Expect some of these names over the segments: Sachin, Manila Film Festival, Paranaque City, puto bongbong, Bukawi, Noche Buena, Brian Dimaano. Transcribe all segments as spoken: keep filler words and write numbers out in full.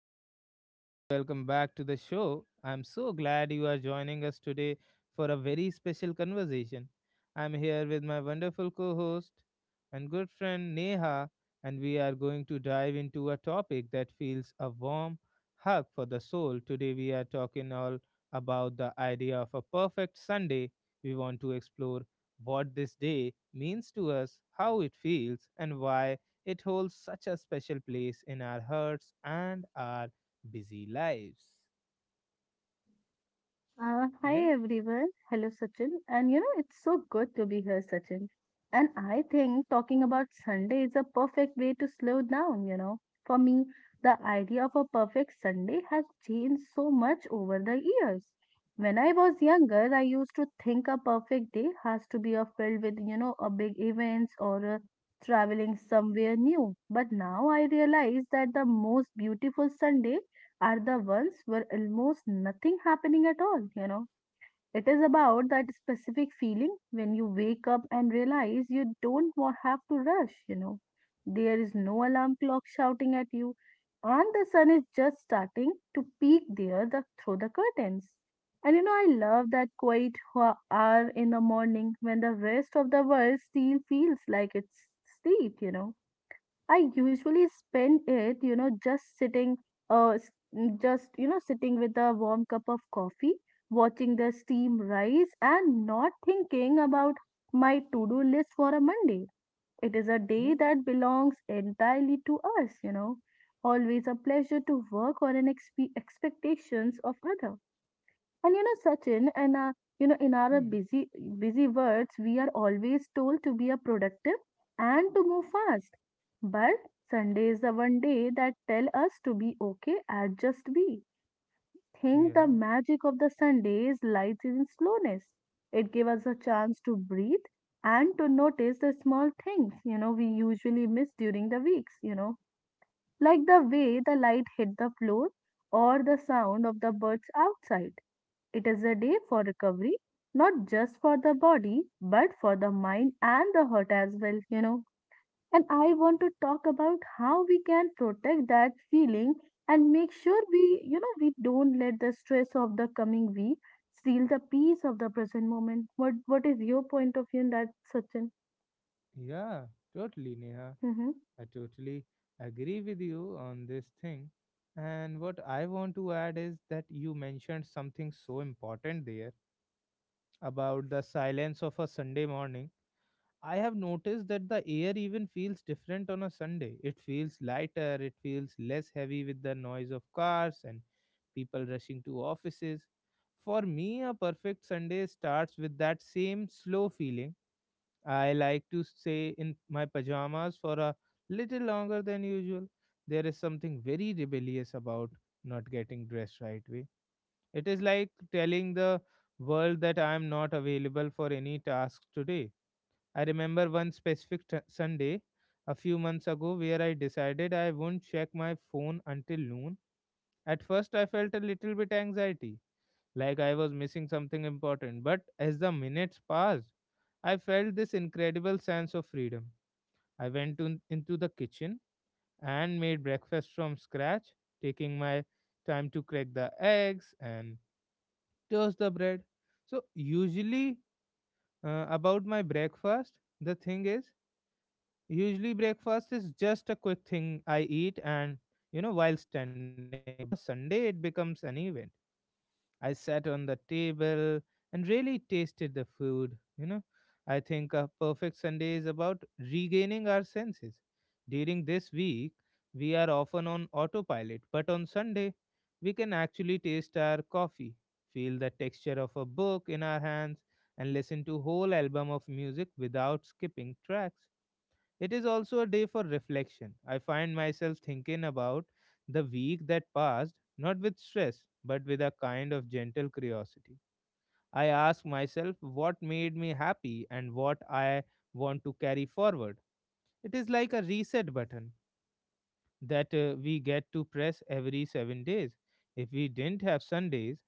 Hello, everyone. Welcome back to the show. I'm so glad you are joining us today for a very special conversation. I'm here with my wonderful co host and good friend Neha, and we are going to dive into a topic that feels a warm hug for the soul. Today, we are talking all about the idea of a perfect Sunday. We want to explore what this day means to us, how it feels, and why it holds such a special place in our hearts and our busy lives. Uh, hi Yeah, everyone. Hello Sachin. And you know, it's so good to be here, Sachin. And I think talking about Sunday is a perfect way to slow down, you know. For me, the idea of a perfect Sunday has changed so much over the years. When I was younger, I used to think a perfect day has to be uh, filled with, you know, a big events or uh, traveling somewhere new. But now I realize that the most beautiful Sunday are the ones where almost nothing happening at all, you know. It is about that specific feeling when you wake up and realize you don't wa- have to rush, you know. There is no alarm clock shouting at you, and the sun is just starting to peek there the, through the curtains. And you know, I love that quiet ho- hour in the morning when the rest of the world still feels like it's sleep, you know. I usually spend it, you know, just sitting, uh, s- mm, just, you know, sitting with a warm cup of coffee, watching the steam rise, and not thinking about my to do list for a Monday. It is a day yeah, that belongs entirely to us, you know. Always a pleasure to work on an expe- expectations of others. And you know, Sachin, and uh, you know, in our hmm, busy busy words, we are always told to be a productive and to move fast. But Sunday is the one day that tell us to be okay and just be. Think yeah, the magic of the Sundays lies in slowness. It gives us a chance to breathe and to notice the small things, you know, we usually miss during the weeks, you know, like the way the light hit the floor or the sound of the birds outside. It is a day for recovery, not just for the body, but for the mind and the heart as well, you know. And I want to talk about how we can protect that feeling and make sure we, you know, we don't let the stress of the coming week steal the peace of the present moment. What what is your point of view in that, Sachin? yeah, totally, Neha. Mm-hmm. I totally agree with you on this thing. And what I want to add is that you mentioned something so important there about the silence of a Sunday morning. I have noticed that the air even feels different on a Sunday. It feels lighter, it feels less heavy with the noise of cars and people rushing to offices. For me, a perfect Sunday starts with that same slow feeling. I like to stay in my pajamas for a little longer than usual. There is something very rebellious about not getting dressed right away. It is like telling the world that I am not available for any tasks today. I remember one specific t- Sunday a few months ago where I decided I wouldn't check my phone until noon. At first, I felt a little bit anxiety, like I was missing something important. But as the minutes passed, I felt this incredible sense of freedom. I went to, into the kitchen and made breakfast from scratch, taking my time to crack the eggs and toast the bread. So, usually, uh, about my breakfast, the thing is, usually, breakfast is just a quick thing I eat and, you know, while standing up. But on a Sunday, it becomes an event. I sat on the table and really tasted the food, you know. I think a perfect Sunday is about regaining our senses. During this week, we are often on autopilot, but on Sunday, we can actually taste our coffee, feel the texture of a book in our hands, and listen to whole album of music without skipping tracks. It is also a day for reflection. I find myself thinking about the week that passed, not with stress, but with a kind of gentle curiosity. I ask myself what made me happy and what I want to carry forward. It is like a reset button that uh, we get to press every seven days. If we didn't have Sundays,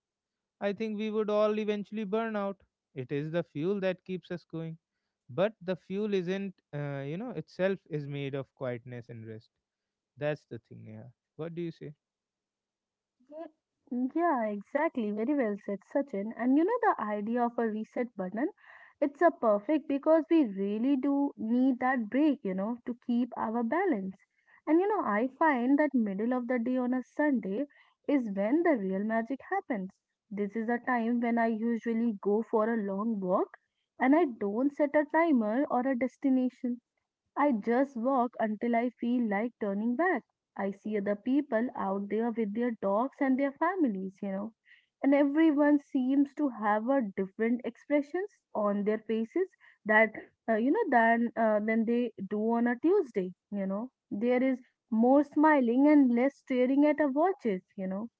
I think we would all eventually burn out. It is the fuel that keeps us going. But the fuel isn't, uh, you know, itself is made of quietness and rest. That's the thing, yeah. What do you say? Ye- Yeah, exactly. Very well said, Sachin. And you know, the idea of a reset button, it's a perfect because we really do need that break, you know, to keep our balance. And you know, I find that middle of the day on a Sunday is when the real magic happens. This is a time when I usually go for a long walk and I don't set a timer or a destination. I just walk until I feel like turning back. I see other people out there with their dogs and their families, you know, and everyone seems to have a different expressions on their faces that uh, you know than uh, than they do on a Tuesday. You know, there is more smiling and less staring at our watches. You know,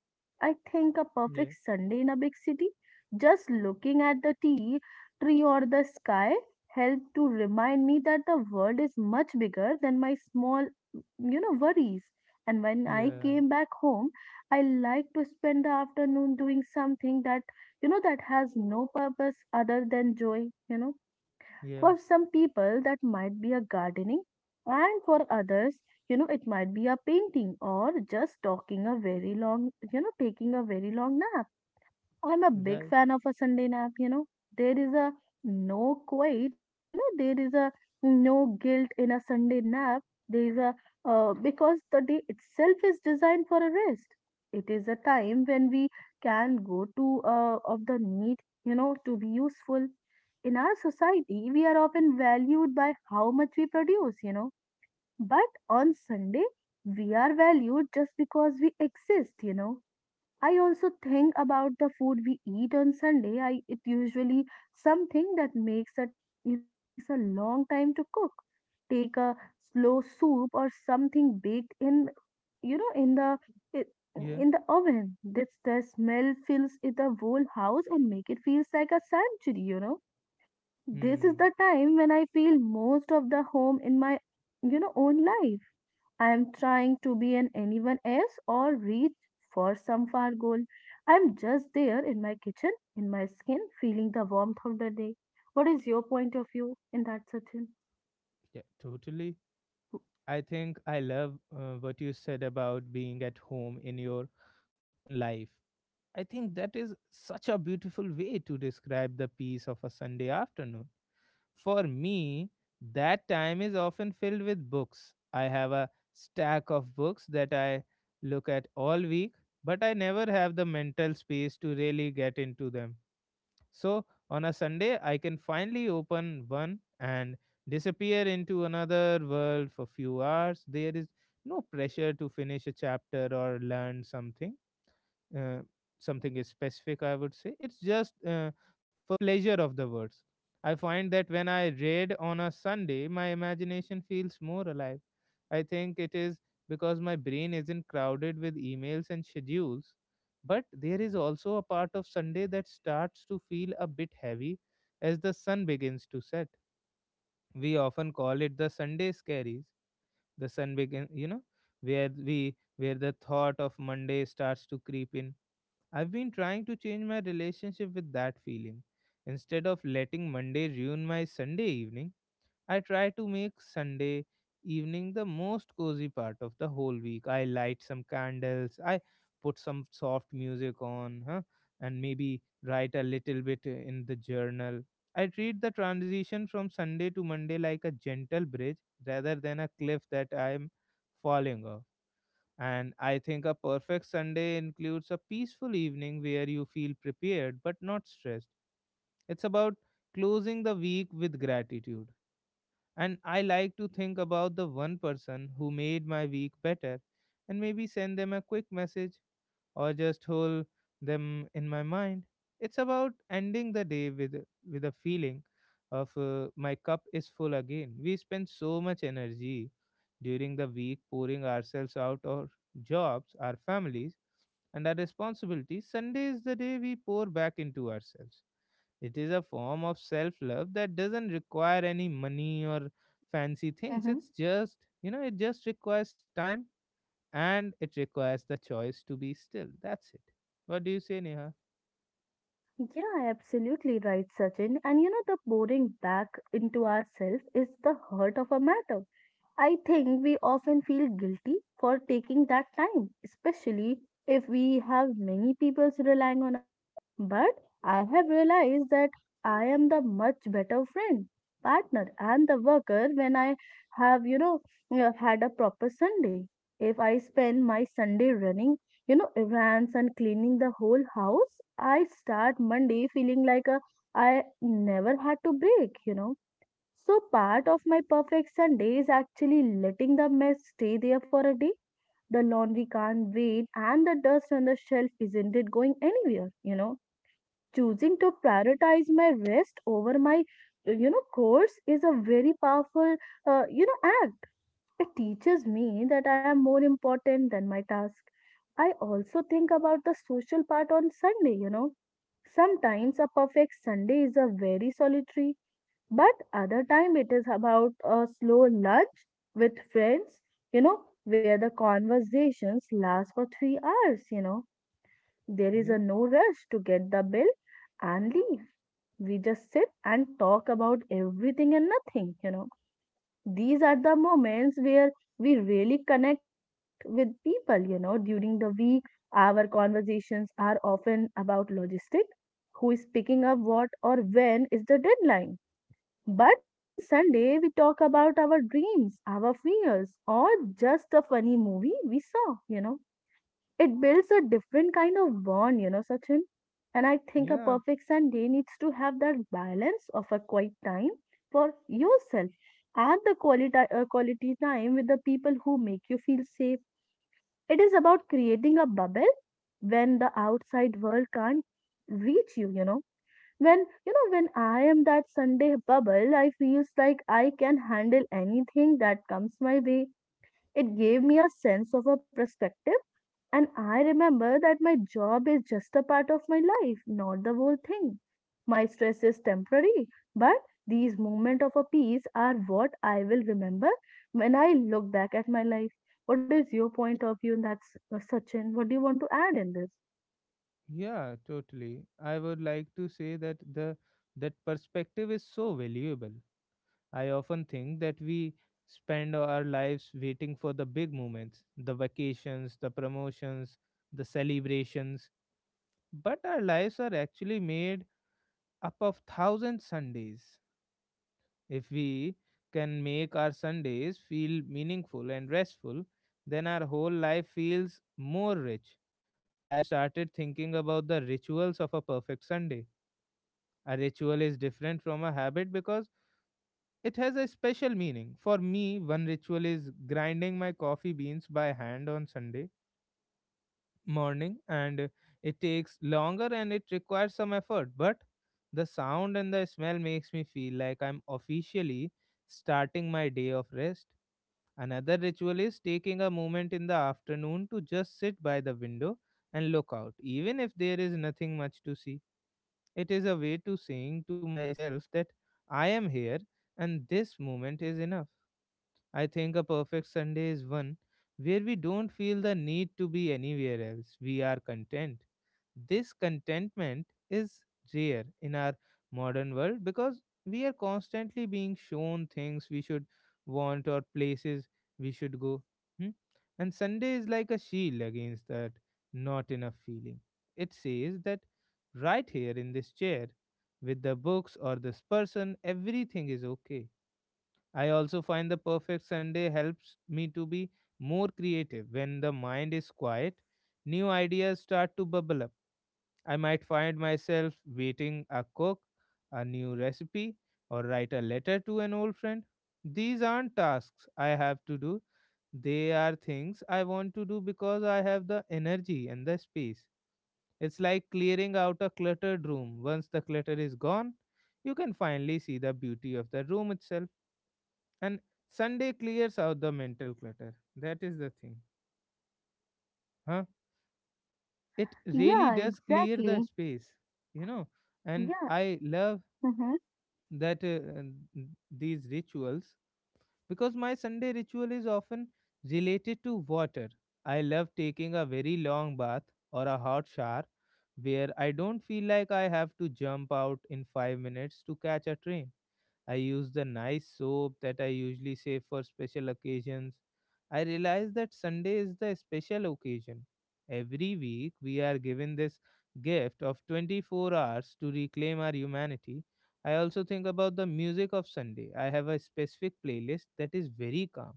I think a Yeah. perfect Sunday in a big city, just looking at the tea tree or the sky, helped to remind me that the world is much bigger than my small, you know, worries. And when I Yeah, came back home, I like to spend the afternoon doing something that, you know, that has no purpose other than joy, you know. yeah, For some people, that might be a gardening, and for others, you know, it might be a painting or just talking a very long, you know, taking a very long nap. I'm a big right. fan of a Sunday nap, you know. There is a no quite, th- you know, there is a no guilt in a Sunday nap. There is a, uh, because the day itself is designed for a rest. It is a time when we can go to, uh, of the need, you know, to be useful. In our society, we are often valued by how much we produce, you know. But on Sunday, we are valued just because we exist, you know. I also think about the food we eat on Sunday. I it usually something that makes a you know takes a long time to cook. Take a slow soup or something baked in you know in the i- Yeah. in the oven. This the smell fills it the whole house and make it feels like a sanctuary, you know. This is Hmm. the time when I feel most of the home in my you know own life. I'm trying to be an anyone else or reach for some far goal. I'm just there in my kitchen, in my skin, feeling the warmth of the day. What is your point of view in that, Sachin? Yeah, totally. I think I love uh, what you said about being at home in your own life. I think that is such a beautiful way to describe the peace of a Sunday afternoon. For me, that time is often filled with books. I have a stack of books that I look at all week, but I never have the mental space to really get into them. So on a Sunday, I can finally open one and disappear into another world for few hours. There is no pressure to finish a chapter or learn something uh, something is specific, I would say. It's just uh, for the pleasure of the words. I find that when I read on a Sunday, my imagination feels more alive. I think it is because my brain isn't crowded with emails and schedules, but there is also a part of Sunday that starts to feel a bit heavy as the sun begins to set. We often call it the Sunday scaries, the sun begin you know where we where the thought of Monday starts to creep in. I've been trying to change my relationship with that feeling. Instead of letting Monday ruin my Sunday evening, I try to make Sunday evening the most cozy part of the whole week. I light some candles, I put some soft music on, huh? and maybe write a little bit in the journal. I treat the transition from Sunday to Monday like a gentle bridge rather than a cliff that I'm falling off. And I think a perfect Sunday includes a peaceful evening where you feel prepared but not stressed. It's about closing the week with gratitude. And I like to think about the one person who made my week better and maybe send them a quick message or just hold them in my mind. It's about ending the day with with a feeling of uh, my cup is full again. We spend so much energy during the week pouring ourselves out our jobs, our families, and our responsibilities. Sunday is the day we pour back into ourselves. It is a form of self love that doesn't require any money or fancy things. Mm-hmm. It's just, you know, it just requires time and it requires the choice to be still. That's it. What do you say, Neha? Yeah, absolutely right, Sachin. And you know, the pouring back into ourselves is the heart of a matter. I think we often feel guilty for taking that time, especially if we have many people relying on us. But I have realized that I am the much better friend, partner, and the worker when I have, you know, uh, had a proper Sunday. If I spend my Sunday running, you know, errands and cleaning the whole house, I start Monday feeling like a, I never had to break, you know. So part of my perfect Sunday is actually letting the mess stay there for a day. The laundry can't wait and the dust on the shelf isn't it going anywhere, you know. Choosing to prioritize my rest over my uh, you know course is a very powerful uh, you know act. It teaches me that I am more important than my task. I also think about the social part on Sunday, you know. Sometimes a perfect Sunday is a very solitary but other time it is about a slow lunch with friends, you know, where the conversations last for three hours, you know. There is Yeah, a no rush to get the bill and leave. We just sit and talk about everything and nothing, you know. These are the moments where we really connect with people, you know. During the week, our conversations are often about logistics, who is picking up what or when is the deadline, but on Sunday, we talk about our dreams, our fears, or just a funny movie we saw, you know. It builds a different kind of bond, you know, Sachin. And I think a yeah, perfect Sunday needs to have that balance of a quiet time for yourself and the quality, uh, quality time with the people who make you feel safe. It is about creating a bubble when the outside world can't reach you, you know. When you know when I am that Sunday bubble I feels like I can handle anything that comes my way. It gave me a sense of a perspective, and I remember that my job is just a part of my life, not the whole thing. My stress is temporary, but these moments of a peace are what I will remember when I look back at my life. What is your point of view in that, S- uh, sachin what do you want to add in this? yeah, totally. I would like to say that the that perspective is so valuable. I often think that we spend our lives waiting for the big moments, the vacations, the promotions, the celebrations, but our lives are actually made up of thousand Sundays. If we can make our Sundays feel meaningful and restful, then our whole life feels more rich. I have started thinking about the rituals of a perfect Sunday. A ritual is different from a habit because it has a special meaning. For me, one ritual is grinding my coffee beans by hand on Sunday morning, and it takes longer and it requires some effort, but the sound and the smell makes me feel like I'm officially starting my day of rest. Another ritual is taking a moment in the afternoon to just sit by the window and look out, even if there is nothing much to see. It is a way to saying to myself that I am here and this moment is enough. I think a perfect Sunday is one where we don't feel the need to be anywhere else. We are content. This contentment is rare in our modern world because we are constantly being shown things we should want or places we should go. Hmm? And Sunday is like a shield against that not enough feeling. It says that right here in this chair, with the books or this person, everything is okay. I also find the perfect Sunday helps me to be more creative. When the mind is quiet, new ideas start to bubble up. I might find myself waiting a cook, a new recipe, or write a letter to an old friend. These aren't tasks I have to do, they are things I want to do because I have the energy and the space. It's like clearing out a cluttered room. Once the clutter is gone, you can finally see the beauty of the room itself. And Sunday clears out the mental clutter. That is the thing. Huh? It really Yeah, does clear the exactly. space, you know. And Yeah. I love Hmm. that uh, n- these rituals because my Sunday ritual is often related to water. I love taking a very long bath or a hot shower where I don't feel like I have to jump out in five minutes to catch a train. I use the nice soap that I usually save for special occasions. I realize that Sunday is the special occasion. Every week, we are given this gift of twenty-four hours to reclaim our humanity. I also think about the music of Sunday. I have a specific playlist that is very calm,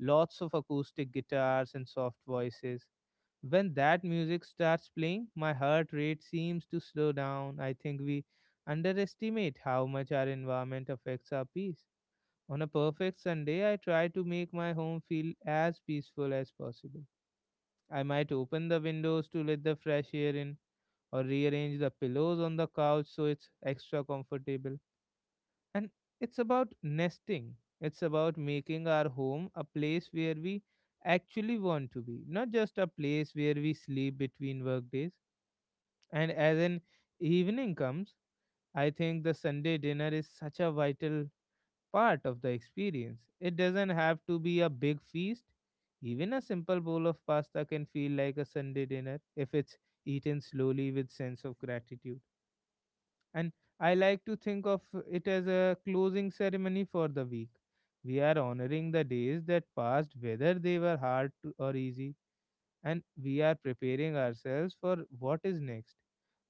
lots of acoustic guitars and soft voices. When that music starts playing, my heart rate seems to slow down. I think we underestimate how much our environment affects our peace. On a perfect Sunday, I try to make my home feel as peaceful as possible. I might open the windows to let the fresh air in or rearrange the pillows on the couch so it's extra comfortable. And it's about nesting, it's about making our home a place where we actually want to be, not just a place where we sleep between workdays. And as an evening comes, I think the Sunday dinner is such a vital part of the experience. It doesn't have to be a big feast. Even a simple bowl of pasta can feel like a Sunday dinner if it's eaten slowly with sense of gratitude. And I like to think of it as a closing ceremony for the week. We are honoring the days that passed, whether they were hard to, or easy, and we are preparing ourselves for what is next.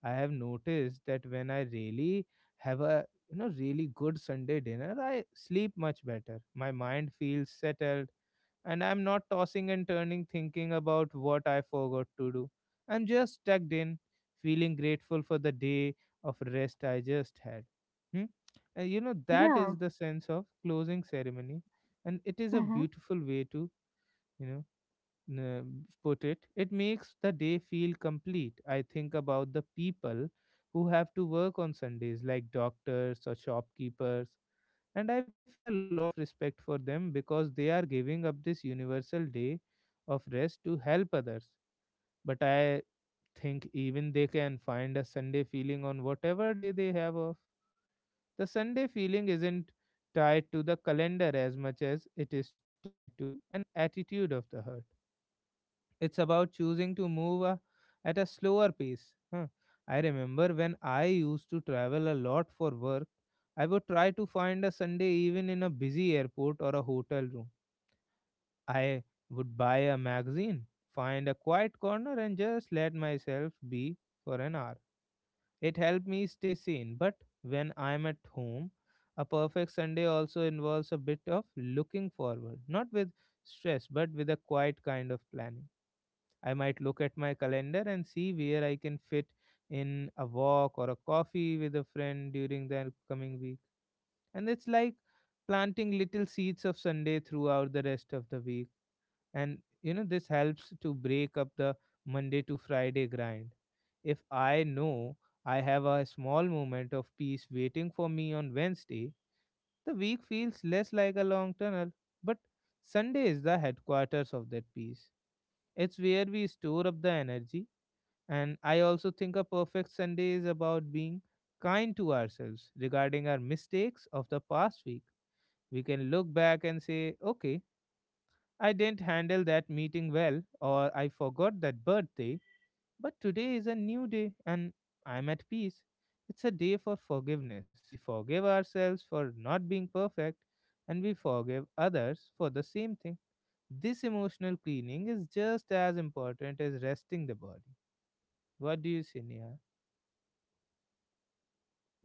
I have noticed that when I really have a you know really good Sunday dinner, I sleep much better. My mind feels settled and I'm not tossing and turning thinking about what I forgot to do. I'm just tucked in, feeling grateful for the day of rest I just had. Hmm? And you know that is Yeah. the sense of closing ceremony and it is a Hmm. beautiful way to you know n- uh, put it, it makes the day feel complete. I think about the people who have to work on Sundays, like doctors or shopkeepers, and I feel a lot of respect for them because they are giving up this universal day of rest to help others. But I think even they can find a Sunday feeling on whatever day they have off. The Sunday feeling isn't tied to the calendar as much as it is tied to an attitude of the heart. It's about choosing to move uh, at a slower pace. huh. I remember when I used to travel a lot for work, I would try to find a Sunday even in a busy airport or a hotel room. I would buy a magazine, find a quiet corner, and just let myself be for an hour. It helped me stay sane. But when I'm at home, a perfect Sunday also involves a bit of looking forward, not with stress, but with a quiet kind of planning. I might look at my calendar and see where I can fit in a walk or a coffee with a friend during the coming week. And it's like planting little seeds of Sunday throughout the rest of the week. And you know, this helps to break up the Monday to Friday grind. If I know I have a small moment of peace waiting for me on Wednesday, the week feels less like a long tunnel. But Sunday is the headquarters of that peace. It's where we store up the energy. And I also think a perfect Sunday is about being kind to ourselves regarding our mistakes of the past week. We can look back and say, okay, I didn't handle that meeting well, or I forgot that birthday, but today is a new day and I'm at peace. It's a day for forgiveness. We forgive ourselves for not being perfect and we forgive others for the same thing. This emotional cleaning is just as important as resting the body. What do you say, Neha?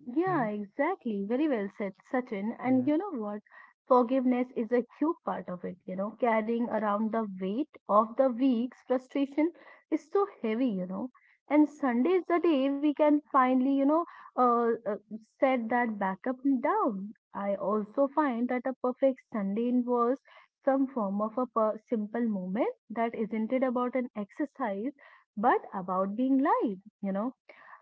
Yeah, Hmm? exactly. Very well said, Sachin. And Yeah, you know what? Forgiveness is a huge part of it. You know, carrying around the weight of the week's frustration is so heavy, you know. And Sunday is the day we can finally, you know, uh, uh, set that back up and down. I also find that a perfect Sunday involves some form of a per- simple moment that isn't it about an exercise, but about being live, you know.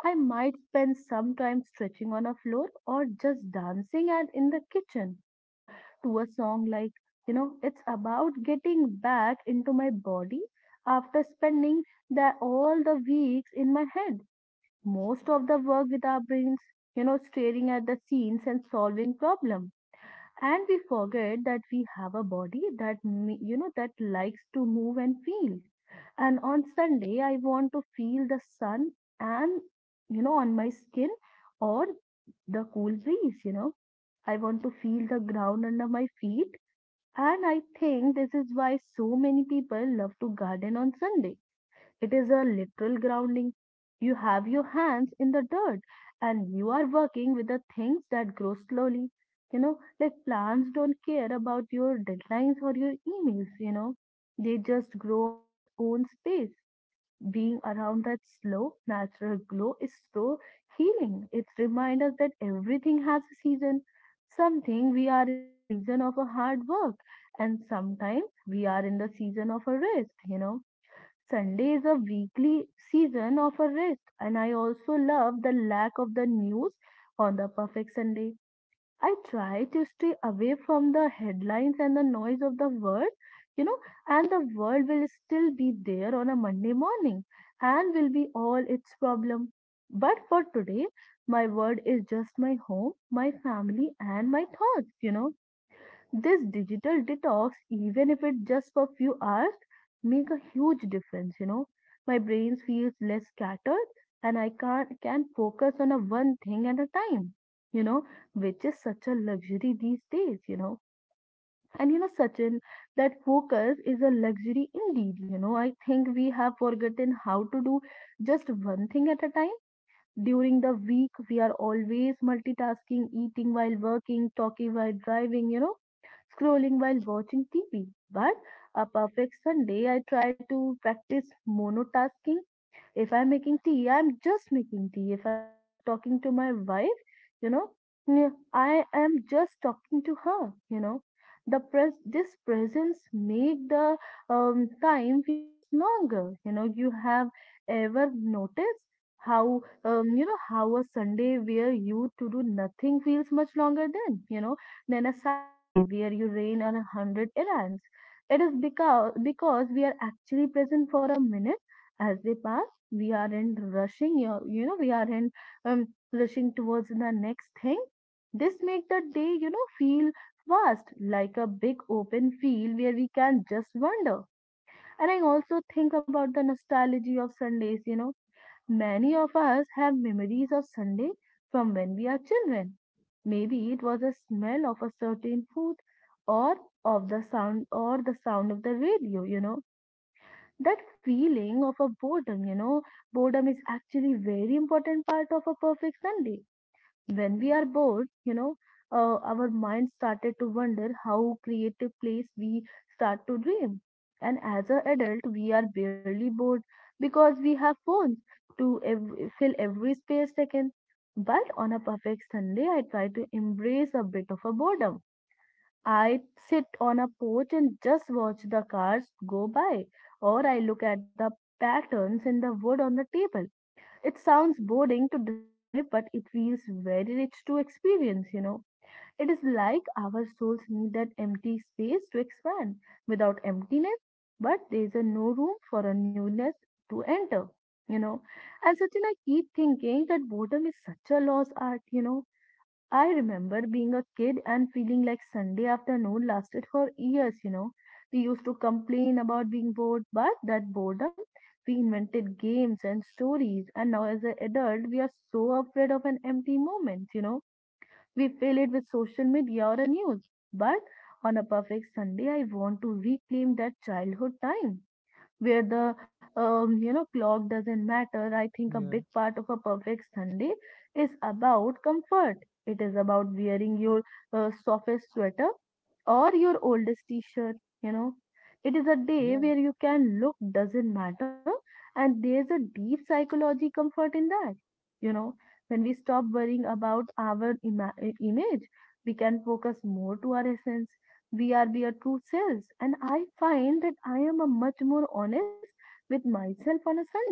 I might spend some time stretching on a floor or just dancing at, in the kitchen or to a song like, you know, it's about getting back into my body after spending the, all the weeks in my head. Most of the work with our brains, you know, staring at the scenes and solving problems and we forget that we have a body that ma- you know that likes to move and feel. And on Sunday I want to feel the sun and, you know, on my skin or the cool breeze, you know. I want to feel the ground under my feet, and I think this is why so many people love to garden on Sunday. It is a literal grounding. You have your hands in the dirt and you are working with the things that grow slowly. You know, like plants don't care about your deadlines or your emails, you know. They just grow on their own space. Being around that slow, natural glow is so healing. It reminds us that everything has a season. Something we are in the season of a hard work, and sometimes we are in the season of a rest, you know. Sunday is a weekly season of a rest, and I also love the lack of the news on the perfect Sunday. I try to stay away from the headlines and the noise of the world, you know, and the world will still be there on a Monday morning and will be all its problem. But for today, my world is just my home, my family, and my thoughts, you know. This digital detox, even if it's just for a few hours, make a huge difference, you know. My brain feels less scattered and I can not can focus on a one thing at a time, you know, which is such a luxury these days, you know. And you know, Sachin, that focus is a luxury indeed, you know. I think we have forgotten how to do just one thing at a time. During the week, we are always multitasking, eating while working, talking while driving, you know scrolling while watching T V. But a perfect Sunday, I try to practice monotasking. If I'm making tea, I'm just making tea. If I'm making talking to my wife, you know, mm, I am just talking to her. You know, the pres this presence make the um, time feels longer. You know, you have ever noticed how um, you know how a Sunday where you to do nothing feels much longer than you know than a Saturday where you rain on a hundred errands. It is because because we are actually present for a minute as they pass. We aren't rushing your you know we aren't um, rushing towards the next thing. This make the day you know feel vast like a big open field where we can just wander. And I also think about the nostalgia of sundays you know Many of us have memories of Sunday from when we are children. Maybe it was the smell of a certain food or of the sound or the sound of the radio you know That feeling of a boredom, you know, boredom is actually very important part of a perfect Sunday. When we are bored, you know, uh, our mind started to wonder how creative place we start to dream. And as an adult, we are barely bored because we have phones to ev- fill every space taken. But on a perfect Sunday, I try to embrace a bit of a boredom. I'd sit on a porch and just watch the cars go by, or I look at the patterns in the wood on the table. It sounds boring to describe, but it feels very rich to experience, you know. It is like our souls need that empty space to expand. Without emptiness, but there's a no room for a newness to enter, you know. And Sachin, I keep thinking that boredom is such a lost art, you know I remember being a kid and feeling like Sunday afternoon lasted for years, you know. We used to complain about being bored, but that boredom, we invented games and stories, and now as an adult, we are so afraid of an empty moment, you know. We fill it with social media or the news. But on a perfect Sunday, I want to reclaim that childhood time where the um, you know clock doesn't matter. I think a big yeah, part of a perfect Sunday is about comfort. It is about wearing your uh, softest sweater or your oldest t-shirt you know it is a day yeah, where you can look doesn't matter. And there's a deep psychology comfort in that you know when we stop worrying about our ima- image, we can focus more to our essence. We are their true selves. And I find that I am a much more honest with myself on a Sunday.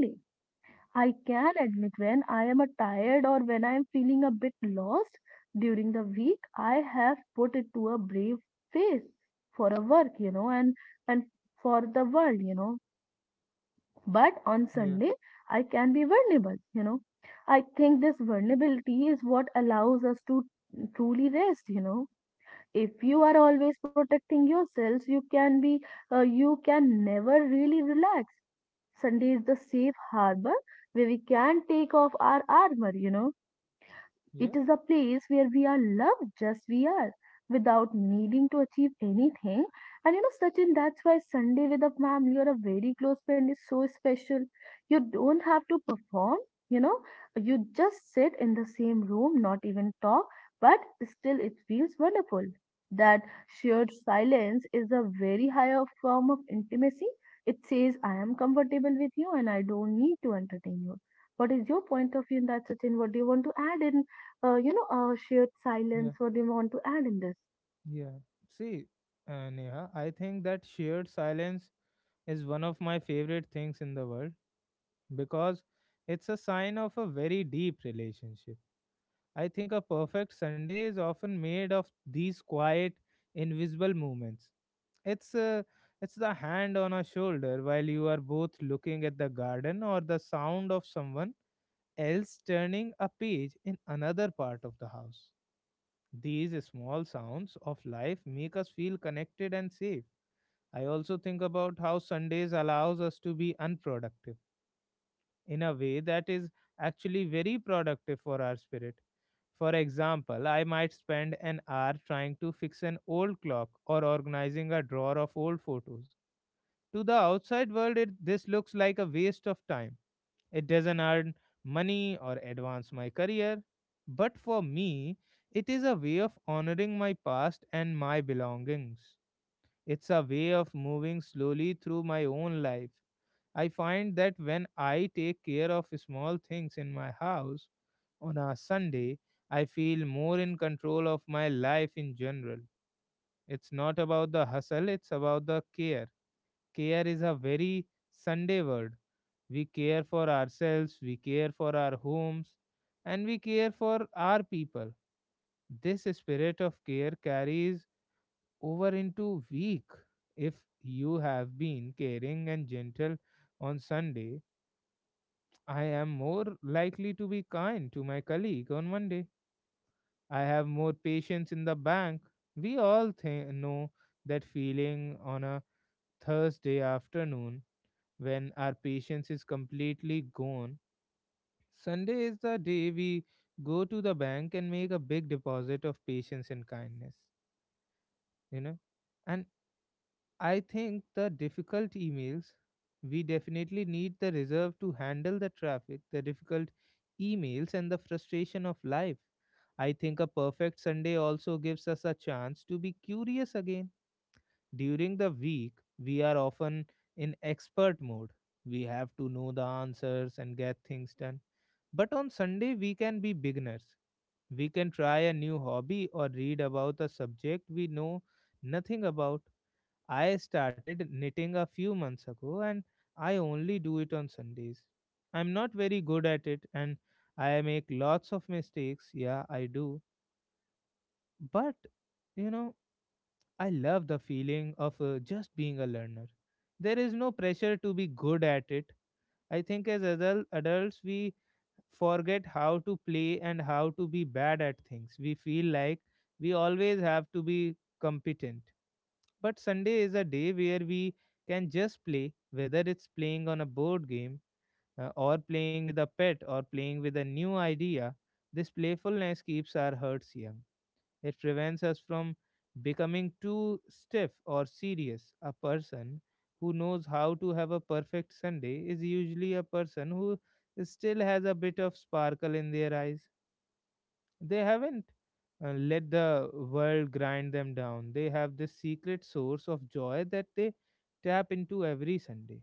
I can admit when I am a tired or when I am feeling a bit lost during the week. I have put it to a brave face for a work, you know, and and for the world, you know. But on yeah, Sunday, I can be vulnerable, you know. I think this vulnerability is what allows us to truly rest, you know If you are always protecting yourselves, you can be uh, you can never really relax. Sunday is the safe harbor where we can take off our armor you know yeah, It is a place where we are loved just we are without needing to achieve anything. And you know, Sachin, that's why Sunday with a family or a very close friend is so special. You don't have to perform, you know, you just sit in the same room, not even talk, but still it feels wonderful. That shared silence is a very higher form of intimacy. It says, I am comfortable with you and I don't need to entertain you. What is your point of view in that, Sachin? What do you want to add in uh, you know, uh, shared yeah, silence? What do you want to add in this? yeah. See, uh, Neha, I think that shared silence is one of my favorite things in the world because it's a sign of a very deep relationship. I think a perfect Sunday is often made of these quiet, invisible movements. It's uh, it's the hand on a shoulder while you are both looking at the garden or the sound of someone else turning a page in another part of the house. These small sounds of life make us feel connected and safe. I also think about how Sundays allows us to be unproductive in a way that is actually very productive for our spirit. For example, I might spend an hour trying to fix an old clock or organizing a drawer of old photos. To the outside world, it, this looks like a waste of time. It doesn't earn money or advance my career. But for me, it is a way of honoring my past and my belongings. It's a way of moving slowly through my own life. I find that when I take care of small things in my house on a Sunday, I feel more in control of my life in general. It's not about the hustle, it's about the care. Care is a very Sunday word. We care for ourselves, we care for our homes, and we care for our people. This spirit of care carries over into week. If you have been caring and gentle on Sunday, I am more likely to be kind to my colleague on Monday. I have more patience in the bank. We all th- know that feeling on a Thursday afternoon when our patience is completely gone. Sunday is the day we go to the bank and make a big deposit of patience and kindness, you know. And I think the difficult emails, we definitely need the reserve to handle the traffic, the difficult emails, and the frustration of life. I think a perfect Sunday also gives us a chance to be curious again. During the week, we are often in expert mode. We have to know the answers and get things done. But on Sunday, we can be beginners. We can try a new hobby or read about a subject we know nothing about. I started knitting a few months ago and I only do it on Sundays. I'm not very good at it and I make lots of mistakes. Yeah, I do. But, you know, I love the feeling of uh, just being a learner. There is no pressure to be good at it. I think as adult, adults, we forget how to play and how to be bad at things. We feel like we always have to be competent, but Sunday is a day where we can just play, whether it's playing on a board game, uh, or playing with a pet, or playing with a new idea. This playfulness keeps our hearts young. It prevents us from becoming too stiff or serious. A person who knows how to have a perfect Sunday is usually a person who still has a bit of sparkle in their eyes. They haven't uh, let the world grind them down. They have this secret source of joy that they tap into every Sunday.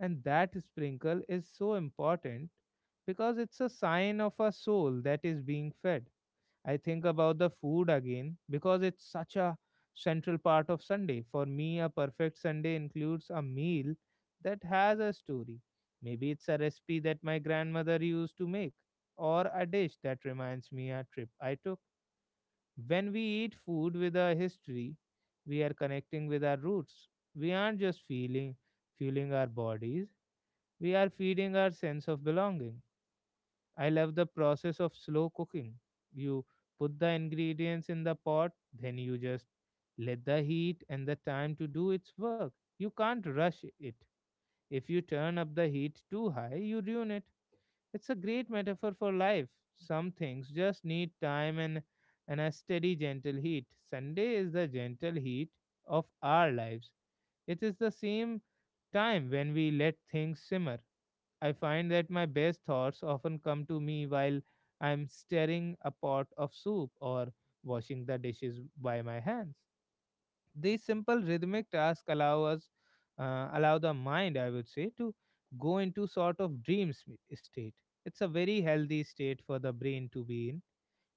And that sprinkle is so important because it's a sign of a soul that is being fed. I think about the food again because it's such a central part of Sunday. For me, a perfect Sunday includes a meal that has a story. Maybe it's a recipe that my grandmother used to make, or a dish that reminds me a trip I took. When we eat food with a history, we are connecting with our roots. We aren't just feeling fueling our bodies, we are feeding our sense of belonging. I love the process of slow cooking. You put the ingredients in the pot, then you just let the heat and the time to do its work. You can't rush it. If you turn up the heat too high, you ruin it. It's a great metaphor for life. Some things just need time and, and a steady, gentle heat. Sunday is the gentle heat of our lives. It is the same time when we let things simmer. I find that my best thoughts often come to me while I'm stirring a pot of soup or washing the dishes by my hands. These simple rhythmic tasks allow us, uh, allow the mind, I would say, to go into sort of dream sm- state. It's a very healthy state for the brain to be in.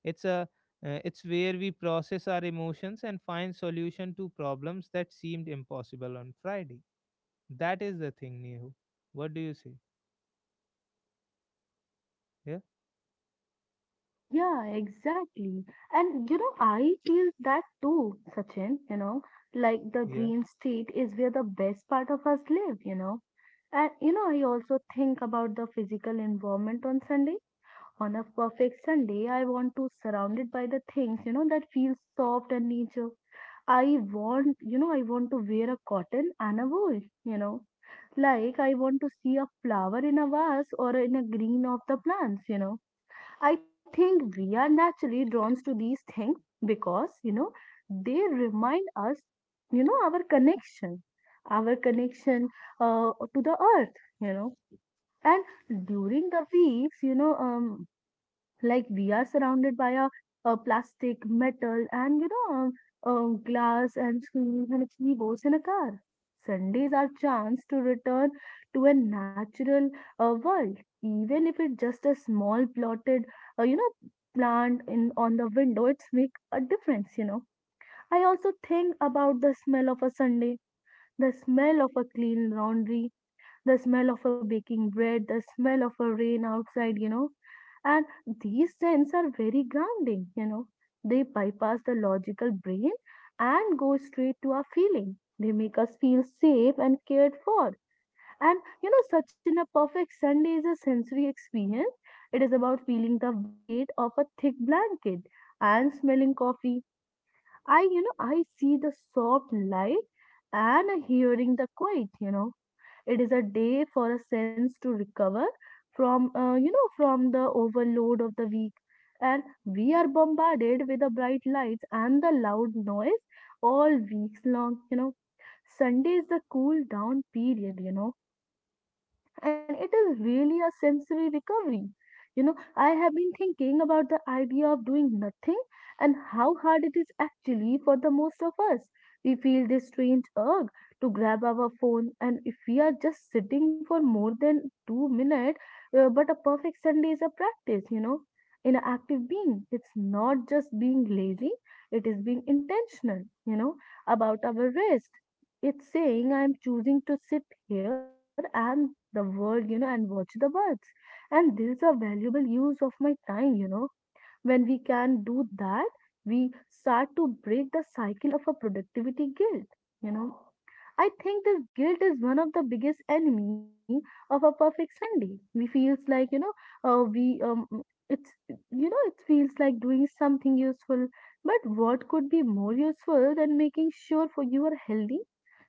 It's a, uh, it's where we process our emotions and find solution to problems that seemed impossible on Friday. That is the thing, Nehu. What do you say? Yeah, Yeah, exactly. And you know, I feel that too, Sachin, you know, like the yeah, dream state is where the best part of us live, you know. And you know, I also think about the physical environment on Sunday. On a perfect Sunday, I want to surrounded by the things, you know, that feel soft and nature. I want, you know, I want to wear a cotton and a wool, you know. Like, I want to see a flower in a vase or in a green of the plants, you know. I think we are naturally drawn to these things because, you know, they remind us, you know, our connection, our connection uh, to the earth, you know. And during the weeks, you know, um, like we are surrounded by a, a plastic, metal, and you know, um, uh, glass and screens and keyboards in a car. Sundays are chance to return to a natural uh, world, even if it's just a small plotted, uh, you know, plant in on the window. It's make a difference, you know. I also think about the smell of a Sunday, the smell of a clean laundry, the smell of a baking bread, the smell of a rain outside, you know. And these scents are very grounding, you know. They bypass the logical brain and go straight to our feeling. They make us feel safe and cared for. And you know, such in a perfect Sunday is a sensory experience. It is about feeling the weight of a thick blanket and smelling coffee. I, you know, I see the soft light and hearing the quiet, you know It is a day for a sense to recover from, uh, you know, from the overload of the week. And we are bombarded with the bright lights and the loud noise all weeks long, you know. Sunday is the cool down period, you know and it is really a sensory recovery. You know, I have been thinking about the idea of doing nothing and how hard it is actually for the most of us. We feel this strange urge to grab our phone, and if we are just sitting for more than two minutes, uh, but a perfect Sunday is a practice, you know. In an active being, it's not just being lazy, it is being intentional, you know, about our rest. It's saying I'm choosing to sit here and the world you know and watch the birds, and this is a valuable use of my time you know When we can do that, we start to break the cycle of a productivity guilt you know I think this guilt is one of the biggest enemy of a perfect Sunday. We feels like you know uh, we um it's you know it feels like doing something useful. But what could be more useful than making sure for you are healthy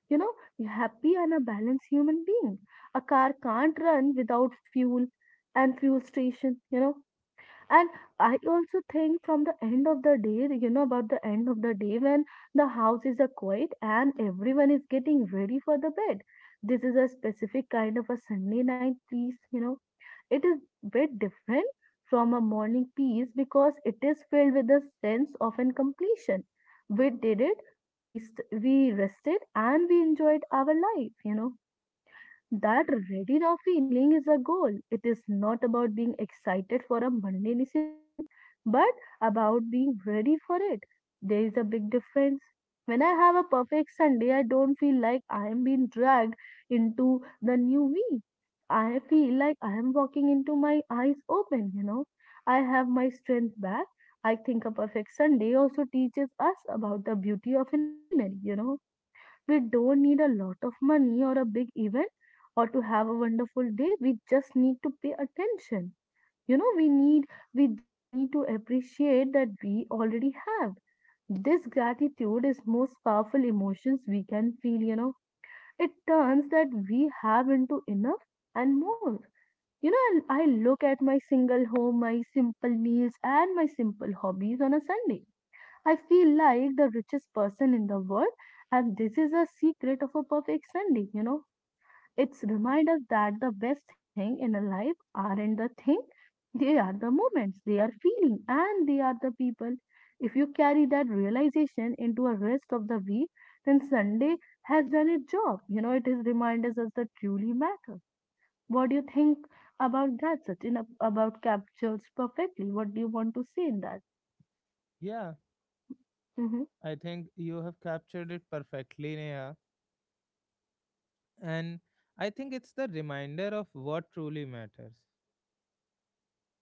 you know, happy and a balanced human being. A car can't run without fuel and fuel station, you know. And I also think from the end of the day, you know, about the end of the day when the house is a quiet and everyone is getting ready for the bed. This is a specific kind of a Sunday night peace, you know It is bit different from a morning piece because it is filled with a sense of an completion. We did it, we, rest, we rested, and we enjoyed our life, you know. That ready now feeling is a goal. It is not about being excited for a Monday necessarily, but about being ready for it. There is a big difference. When I have a perfect Sunday, I don't feel like I am being dragged into the new me. I feel like I am walking into my eyes open, you know. I have my strength back. I think a perfect Sunday also teaches us about the beauty of an ordinary, you know We don't need a lot of money or a big event or to have a wonderful day. We just need to pay attention. You know, we need, we just need to appreciate that we already have. This gratitude is most powerful emotions we can feel, you know. It turns that we have into enough and more. You know, I I look at my single home, my simple meals, and my simple hobbies on a Sunday. I feel like the richest person in the world, and this is a secret of a perfect Sunday, you know. It's remind us that the best thing in a life aren't the thing, they are the moments, they are feeling, and they are the people. If you carry that realization into a rest of the week, then Sunday has done its job. You know, it is reminders us that truly matter. What do you think about that, Sachin? ab- About captures perfectly. What do you want to say in that? yeah. Mm-hmm, I think you have captured it perfectly, Neha. And I think it's the reminder of what truly matters.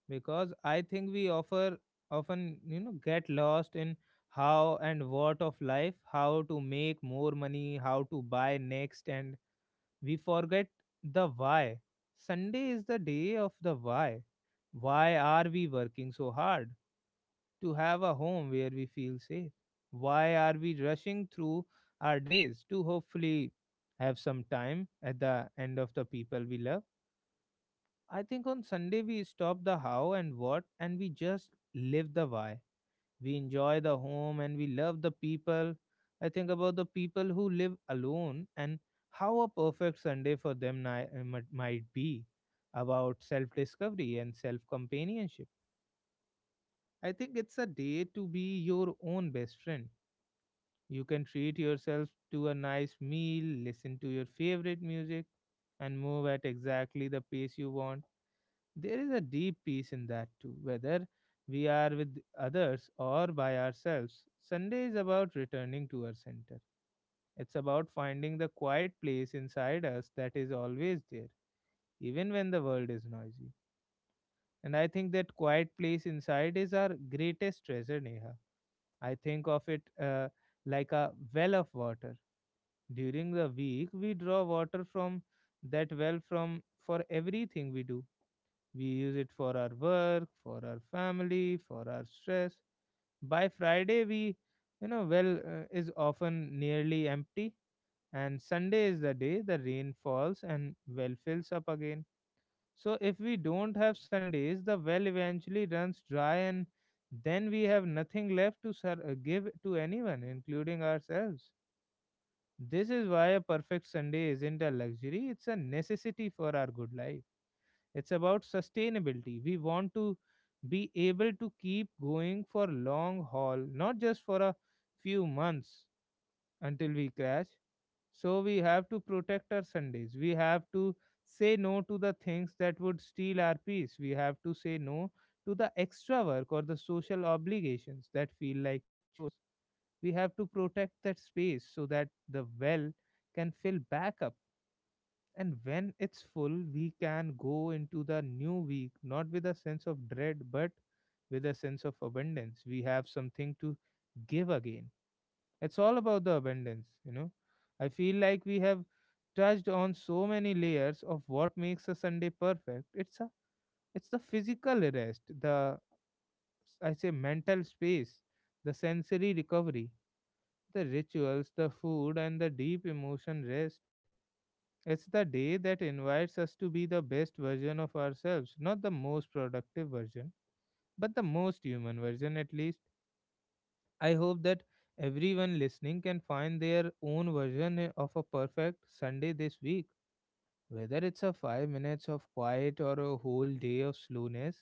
Because I think we offer often, you know, get lost in how and what of life, how to make more money, how to buy next, and we forget the why. Sunday is the day of the why. Why are we working so hard? To have a home where we feel safe. Why are we rushing through our days to hopefully have some time at the end of the people we love? I think on Sunday we stop the how and what and we just live the why. We enjoy the home and we love the people. I think about the people who live alone and how a perfect Sunday for them ni- uh, might might be about self discovery and self companionship. I think it's a day to be your own best friend. You can treat yourself to a nice meal, listen to your favorite music, and move at exactly the pace you want. There is a deep peace in that too, whether we are with others or by ourselves. Sunday is about returning to our center. It's about finding the quiet place inside us that is always there, even when the world is noisy. And I think that quiet place inside is our greatest treasure, Neha. I think of it uh, like a well of water. During the week, we draw water from that well from for everything we do. We use it for our work, for our family, for our stress. By Friday, we, you know, well uh, is often nearly empty, and Sunday is the day the rain falls and well fills up again. So if we don't have Sundays, the well eventually runs dry, and then we have nothing left to ser- uh, give to anyone, including ourselves. This is why a perfect Sunday isn't a luxury, it's a necessity for our good life. It's about sustainability. We want to be able to keep going for long haul, not just for a few months until we crash. So we have to protect our Sundays. We have to say no to the things that would steal our peace. We have to say no to the extra work or the social obligations that feel like chores. We have to protect that space so that the well can fill back up, and when it's full we can go into the new week not with a sense of dread but with a sense of abundance. We have something to give again. It's all about the abundance you know I feel like we have touched on so many layers of what makes a Sunday perfect. It's a it's the physical rest, the, I say, mental space, the sensory recovery, the rituals, the food, and the deep emotion rest. It's the day that invites us to be the best version of ourselves, not the most productive version, but the most human version at least. I hope that everyone listening can find their own version eh, of a perfect Sunday this week. Whether it's a five minutes of quiet or a whole day of slowness,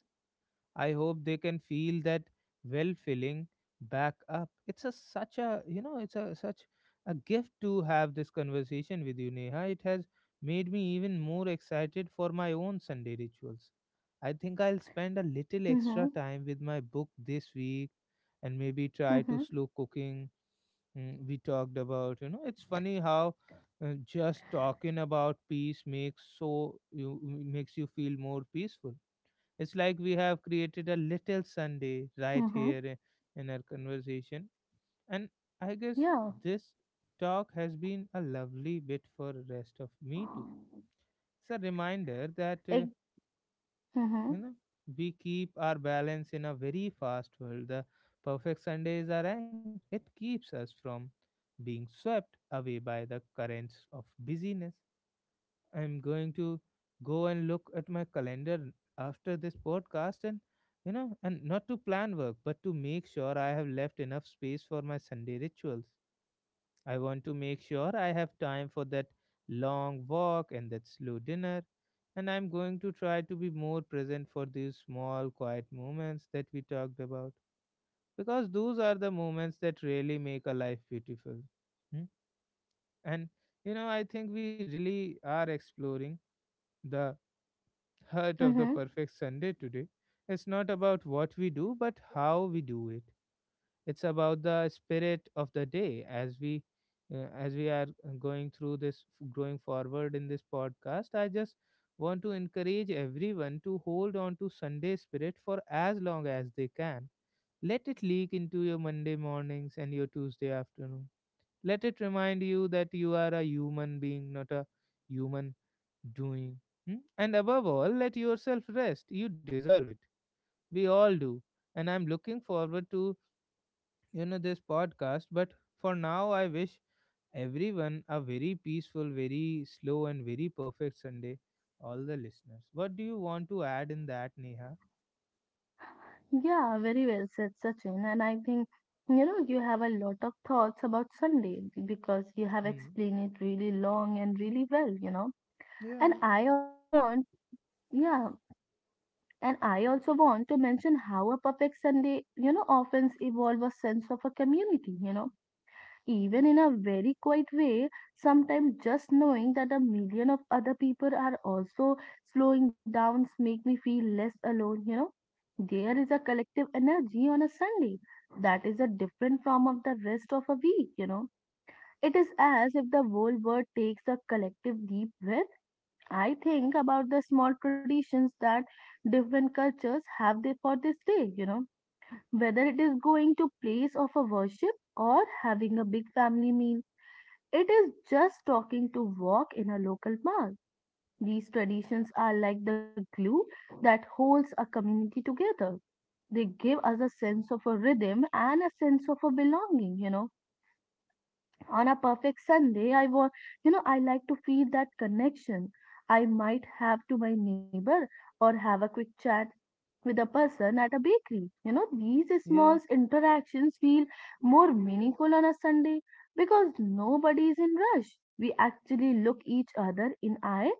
I hope they can feel that well filling back up. It's a such a you know it's a such a gift to have this conversation with you, Neha. It has made me even more excited for my own Sunday rituals. I think I'll spend a little extra mm-hmm, time with my book this week and maybe try to mm-hmm. slow cooking. Mm, we talked about, you know it's funny how uh, just talking about peace makes so you makes you feel more peaceful. It's like we have created a little Sunday right Mm-hmm. here i- in our conversation. And I guess Yeah. this talk has been a lovely bit for the rest of me too. It's a reminder that, Ex- uh, mm-hmm. you know, we keep our balance in a very fast world. The perfect Sunday is our anchor, it keeps us from being swept away by the currents of busyness. I'm going to go and look at my calendar after this podcast and, you know and not to plan work but to make sure I have left enough space for my Sunday rituals. I want to make sure I have time for that long walk and that slow dinner, and I'm going to try to be more present for these small quiet moments that we talked about, because those are the moments that really make a life beautiful. Hmm? And, you know I think we really are exploring the heart Mm-hmm. of the perfect Sunday today. It's not about what we do, but how we do it. It's about the spirit of the day. As we uh, as we are uh, going through this, going forward in this podcast, I just want to encourage everyone to hold on to Sunday spirit for as long as they can. Let it leak into your Monday mornings and your Tuesday afternoon. Let it remind you that you are a human being, not a human doing. Hmm? And above all, let yourself rest. You deserve it. We all do. And I'm looking forward to, you know, this podcast. But for now, I wish everyone a very peaceful, very slow, and very perfect Sunday. All the listeners. What do you want to add in that, Neha? Yeah, very well said, Sachin. And I think, you know, you have a lot of thoughts about Sunday because you have Hmm. explained it really long and really well, you know. And Yeah. I also want, yeah, and I also want to mention how a perfect Sunday, you know, often evolve a sense of a community, you know, even in a very quiet way, sometimes just knowing that a million of other people are also slowing down make me feel less alone, you know. There is a collective energy on a Sunday that is a different from of the rest of a week, you know. It is as if the whole world takes a collective deep breath. I think about the small traditions that different cultures have there for this day, you know, whether it is going to place of a worship or having a big family meal it is just talking to walk in a local park. These traditions are like the glue that holds a community together. They give us a sense of a rhythm and a sense of a belonging, you know. On a perfect Sunday, I want, you know, I like to feel that connection I might have to my neighbor or have a quick chat with a person at a bakery. You know, these small Yeah. interactions feel more meaningful on a Sunday because nobody is in rush. We actually look each other in eye.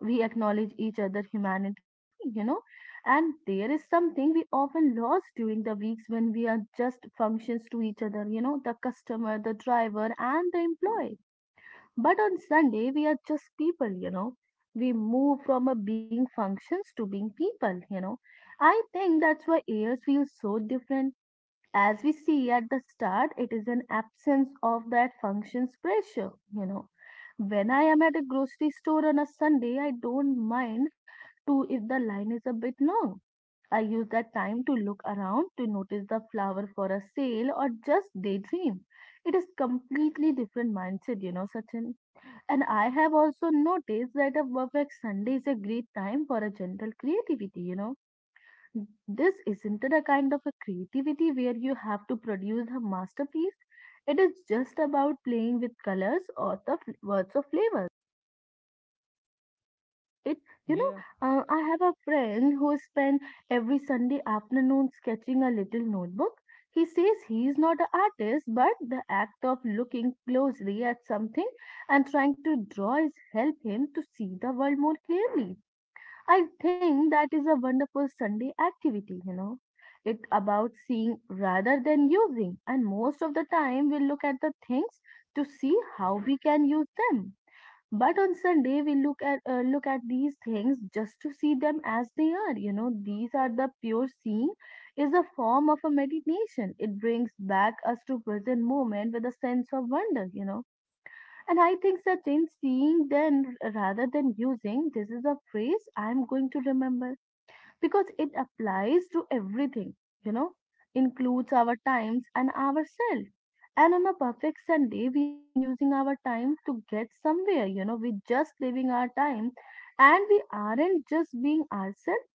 We acknowledge each other humanity, you know, and there is something we often lost during the weeks when we are just functions to each other, you know, the customer, the driver, and the employee but on Sunday, we are just people, you know. We move from a being functions to being people, you know. I think that's why years feel so different. As we see at the start, it is an absence of that functions pressure, you know. When I am at a grocery store on a Sunday, I don't mind to if the line is a bit long. I use that time to look around, to notice the flower for a sale, or just daydream. It is completely different mindset, you know, Sachin. And I have also noticed that a perfect Sunday is a great time for a gentle creativity, you know. This isn't it a kind of a creativity where you have to produce a masterpiece. It is just about playing with colors or the fl- words of flavors. It, you Yeah. know, uh, I have a friend who spent every Sunday afternoon sketching a little notebook. He says he is not an artist, but the act of looking closely at something and trying to draw is help him to see the world more clearly. I think that is a wonderful Sunday activity, you know. It about seeing rather than using, and most of the time we look at the things to see how we can use them but on Sunday we look at uh, look at these things just to see them as they are, you know, these are the pure seeing is a form of a meditation. It brings back us to present moment with a sense of wonder, you know, and I think that in seeing then rather than using, this is a phrase I am going to remember because it applies to everything, you know, includes our times and ourselves. And on a perfect Sunday, we aren't using our time to get somewhere, you know, we're just living our time and we aren't just being ourselves.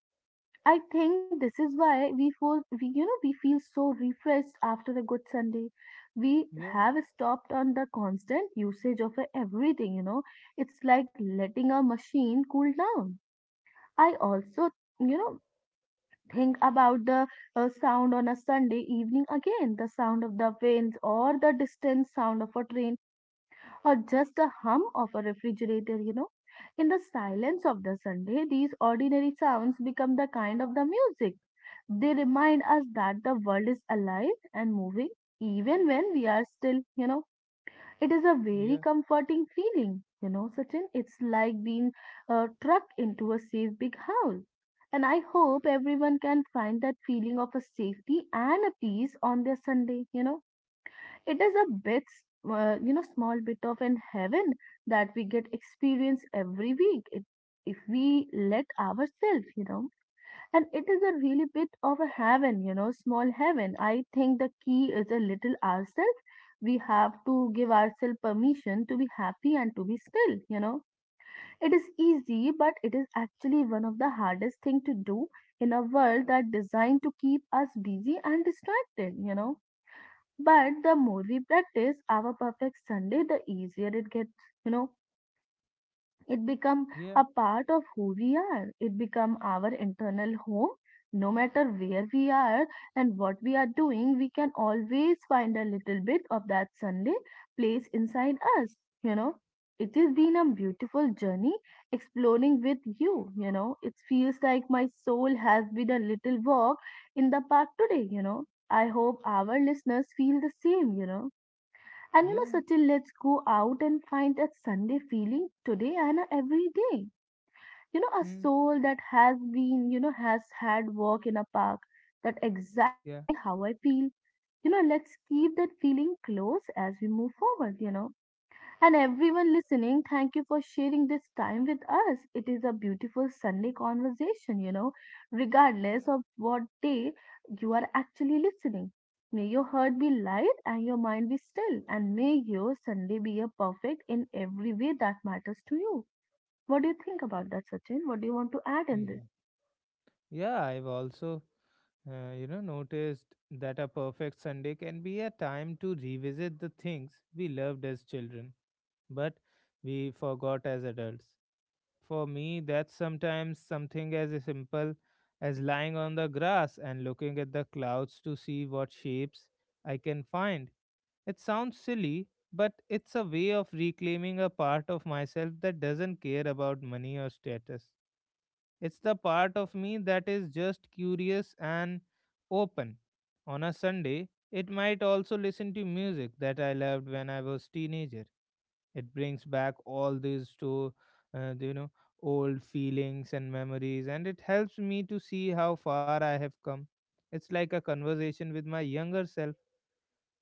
I think this is why we feel, we, you know, we feel so refreshed after a good Sunday. We Yeah. have stopped on the constant usage of everything, you know. It's like letting our machine cool down. I also, you know, think about the uh, sound on a Sunday evening, again the sound of the winds, or the distant sound of a train, or just the hum of a refrigerator, you know. In the silence of the Sunday, these ordinary sounds become the kind of the music. They remind us that the world is alive and moving, even when we are still, you know. It is a very Yeah. comforting feeling, you know, Sachin. It's like being uh, trucked into a safe big house. And I hope everyone can find that feeling of a safety and a peace on their Sunday, you know. It is a bit, uh, you know, small bit of an heaven that we get experience every week. It, if we let ourselves, you know. And it is a really bit of a heaven, you know, small heaven. I think the key is a little ourselves. We have to give ourselves permission to be happy and to be still, you know. It is easy, but it is actually one of the hardest thing to do in a world that designed to keep us busy and distracted, you know. But the more we practice our perfect Sunday, the easier it gets, you know, it become Yeah. a part of who we are. It become our internal home no matter where we are and what we are doing. We can always find a little bit of that Sunday place inside us, you know. It has been a beautiful journey exploring with you, you know, it feels like my soul has been a little walk in the park today, you know. I hope our listeners feel the same, you know. And you know, Yeah. Sachin, let's go out and find that Sunday feeling today and uh, every day. You know, a Hmm. soul that has been, you know, has had walk in a park. That Yeah. exactly how I feel. You know, let's keep that feeling close as we move forward, you know. And everyone listening, thank you for sharing this time with us. It is a beautiful Sunday conversation, you know, regardless of what day you are actually listening. May your heart be light and your mind be still, and may your Sunday be a perfect in every way that matters to you. What do you think about that, Sachin? What do you want to add in this? Yeah. Yeah, I've also, uh, you know, noticed that a perfect Sunday can be a time to revisit the things we loved as children, but we forgot as adults. For me, that's sometimes something as simple as lying on the grass and looking at the clouds to see what shapes I can find. It sounds silly, but it's a way of reclaiming a part of myself that doesn't care about money or status. It's the part of me that is just curious and open. On a Sunday, it might also listen to music that I loved when I was teenager. It brings back all these to uh, you know old feelings and memories, and it helps me to see how far I have come. It's like a conversation with my younger self.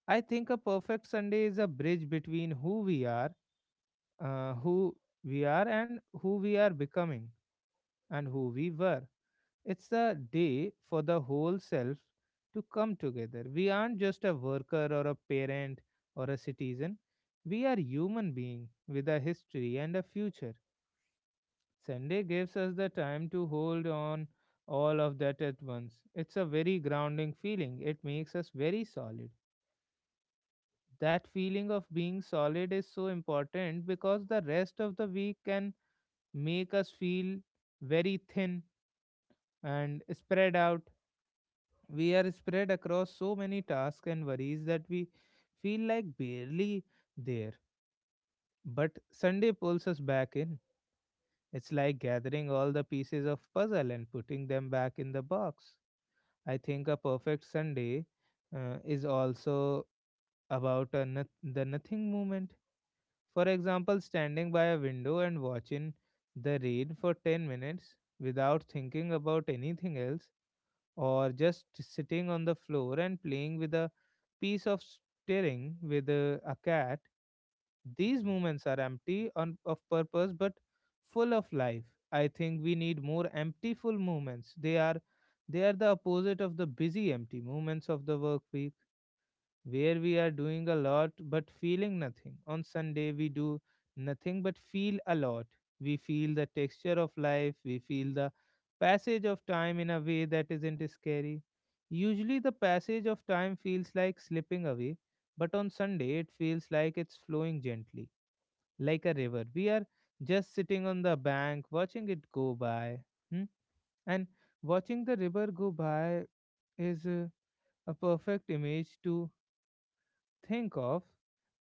I think a perfect Sunday is a bridge between who we are, uh, who we are and who we are becoming and who we were. It's a day for the whole self to come together. We aren't just a worker or a parent or a citizen. We are human beings with a history and a future. Sunday gives us the time to hold on all of that at once. It's a very grounding feeling. It makes us very solid. That feeling of being solid is so important because the rest of the week can make us feel very thin and spread out. We are spread across so many tasks and worries that we feel like barely there. But Sunday pulls us back in. It's like gathering all the pieces of puzzle and putting them back in the box. I think a perfect Sunday, uh, is also about a noth- the nothing moment. For example, standing by a window and watching the rain for ten minutes without thinking about anything else, or just sitting on the floor and playing with a piece of string with a, a cat. These moments are empty on, of purpose but full of life. I think we need more empty full moments. They are they are the opposite of the busy empty moments of the work week, where we are doing a lot but feeling nothing. On Sunday, we do nothing but feel a lot. We feel the texture of life, we feel the passage of time in a way that isn't scary. Usually, the passage of time feels like slipping away, but on Sunday, it feels like it's flowing gently, like a river. We are just sitting on the bank, watching it go by. Hmm? And watching the river go by is, uh, a perfect image to think of.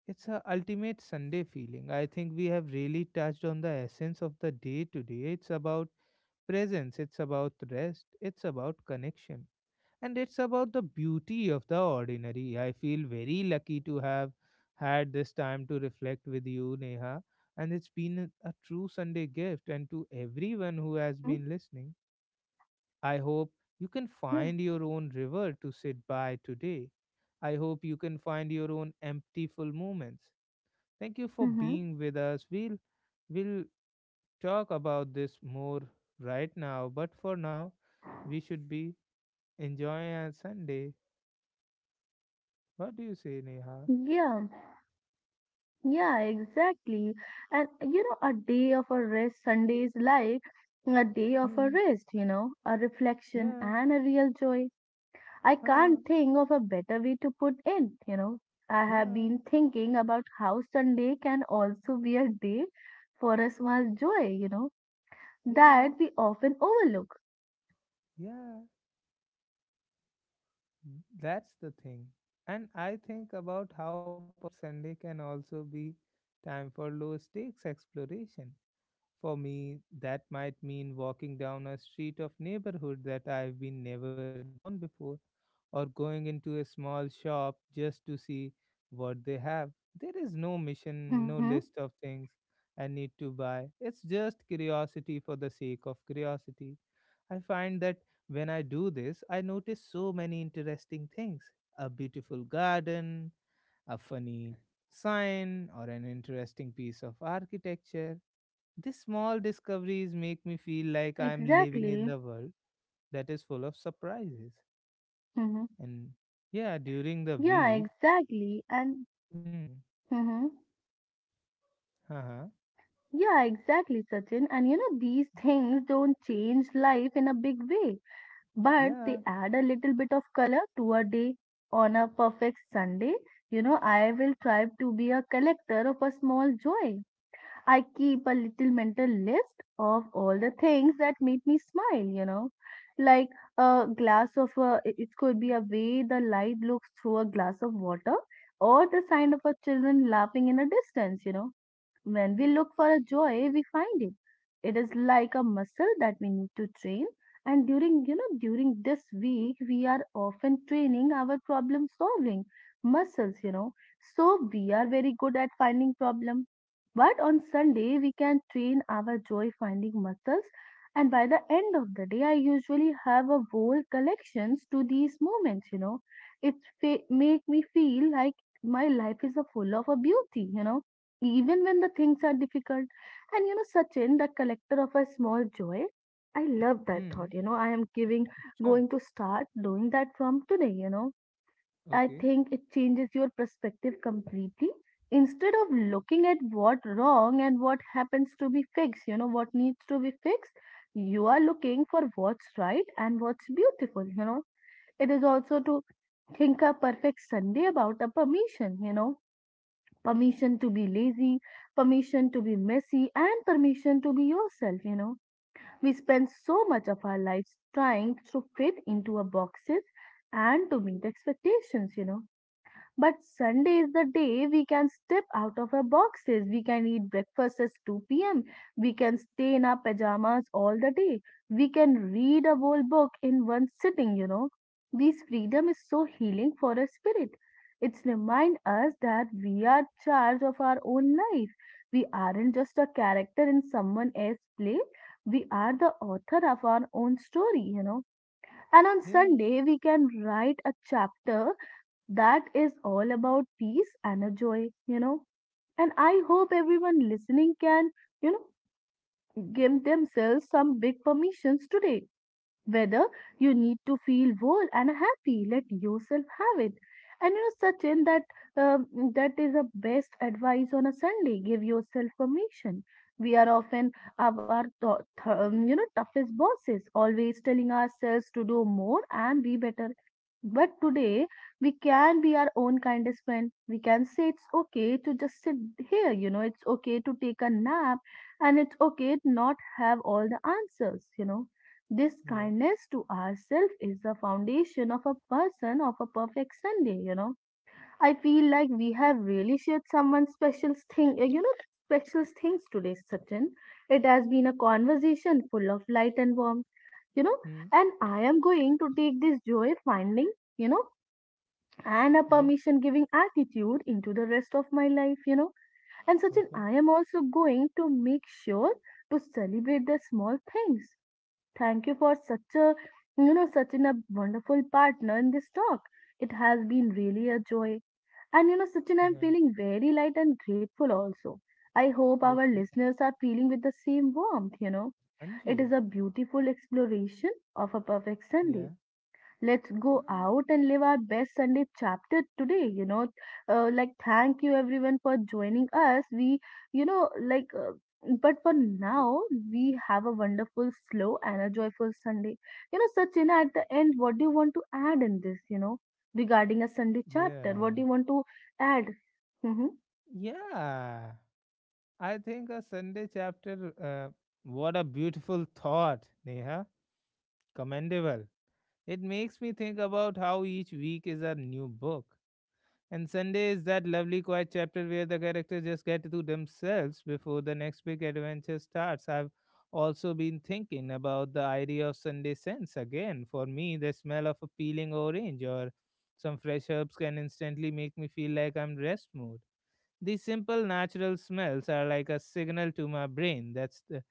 It's a ultimate Sunday feeling. I think we have really touched on the essence of the day today. It's about presence, it's about rest, it's about connection, and it's about the beauty of the ordinary. I feel very lucky to have had this time to reflect with you, Neha, and it's been a a true Sunday gift. And to everyone who has Hmm. been listening, I hope you can Yeah. find your own river to sit by today. I hope you can find your own empty full moments. Thank you for Hmm. being with us. We'll we'll talk about this more right now, but for now, we should be enjoying our Sunday. What do you say, Neha? Yeah. Yeah, exactly. And you know, a day of a rest, Sunday is like a day of a Hmm. rest, you know, a reflection Yeah. and a real joy. I can't Huh. think of a better way to put it, you know. I have Yeah. been thinking about how Sunday can also be a day for a small joy, you know, Yeah. that we often overlook. Yeah. That's the thing. And I think about how perfect Sunday can also be time for low stakes exploration. For me, that might mean walking down a street of neighborhood that I've been never down before, or going into a small shop just to see what they have. There is no mission, no Mm-hmm. list of things I need to buy. It's just curiosity for the sake of curiosity. I find that when I do this, I notice so many interesting things, a beautiful garden, a funny sign, or an interesting piece of architecture. These small discoveries make me feel like I'm living in Exactly. the world that is full of surprises. Mm-hmm. And yeah, during the Yeah, week, exactly. And hmm, mm-hmm. uh-huh, Yeah, exactly, Sachin. And you know, these things don't change life in a big way, but they yeah, add a little bit of color to a day. On a perfect Sunday, you know, I will try to be a collector of a small joy. I keep a little mental list of all the things that made me smile, you know, like a glass of a, it it could be a way the light looks through a glass of water or the sound of a children laughing in a distance, you know, when we look for a joy, we find it. It is like a muscle that we need to train. And during, you know, during this week, we are often training our problem solving muscles, you know. So we are very good at finding problem. But on Sunday, we can train our joy finding muscles. And by the end of the day, I usually have a whole collections to these moments, you know. It fa- make me feel like my life is a full of a beauty, you know, even when the things are difficult. And you know, Sachin, the collector of a small joy, I love that thought. hmm, You know, I am giving, huh, going to start doing that from today. You know, I okay, think it changes your perspective completely. Instead of looking at what wrong and what happens to be fixed, you know, what needs to be fixed, you are looking for what's right and what's beautiful. You know, it is also to think a perfect Sunday about a permission, you know permission to be lazy, permission to be messy, and permission to be yourself, you know. We spend so much of our lives trying to fit into a boxes and to meet expectations, you know. But Sunday is the day we can step out of our boxes. We can eat breakfast at two p m. We can stay in our pajamas all the day. We can read a whole book in one sitting, you know. This freedom is so healing for our spirit. It's remind us that we are charge of our own life. We aren't just a character in someone else's play. We are the author of our own story, you know. And on yeah, Sunday, we can write a chapter that is all about peace and a joy, you know. And I hope everyone listening can, you know, give themselves some big permissions today, whether you need to feel whole and happy, let yourself have it. And you know certain that um, that is the best advice on a Sunday. Give yourself permission. We are often of our th- th- um, you know toughest bosses, always telling ourselves to do more and be better. But today, we can be our own kindest friend. We can say it's okay to just sit here you know It's okay to take a nap, and it's okay to not have all the answers you know This yeah, kindness to ourselves is the foundation of a person of a perfect Sunday, you know. I feel like we have really shared someone's special thing, uh, you know, special things today, Sachin. It has been a conversation full of light and warmth, you know, hmm, and I am going to take this joy finding, you know, and a yeah, permission giving attitude into the rest of my life, you know. And Sachin, okay, I am also going to make sure to celebrate the small things. Thank you for such a, you know, such an, a wonderful partner in this talk. It has been really a joy. And you know, Sachin, I'm yeah, feeling very light and grateful also. I hope our okay, listeners are feeling with the same warmth, you know. It Anji, is a beautiful exploration of a perfect yeah, Sunday. Let's yeah, go out and live our best Sunday chapter today. You know, uh, like, thank you everyone for joining us. We, you know, like, uh, but for now, we have a wonderful, slow, and a joyful Sunday. You know, Sachina, at the end, what do you want to add in this, you know, regarding a Sunday chapter? yeah, What do you want to add? Mm-hmm, yeah. I think a Sunday chapter, uh, what a beautiful thought, Neha, commendable. It makes me think about how each week is a new book. And Sunday is that lovely quiet chapter where the characters just get to themselves before the next big adventure starts. I've also been thinking about the idea of Sunday scents again. For me, the smell of a peeling orange or some fresh herbs can instantly make me feel like I'm rest mood. These simple natural smells are like a signal to my brain that's the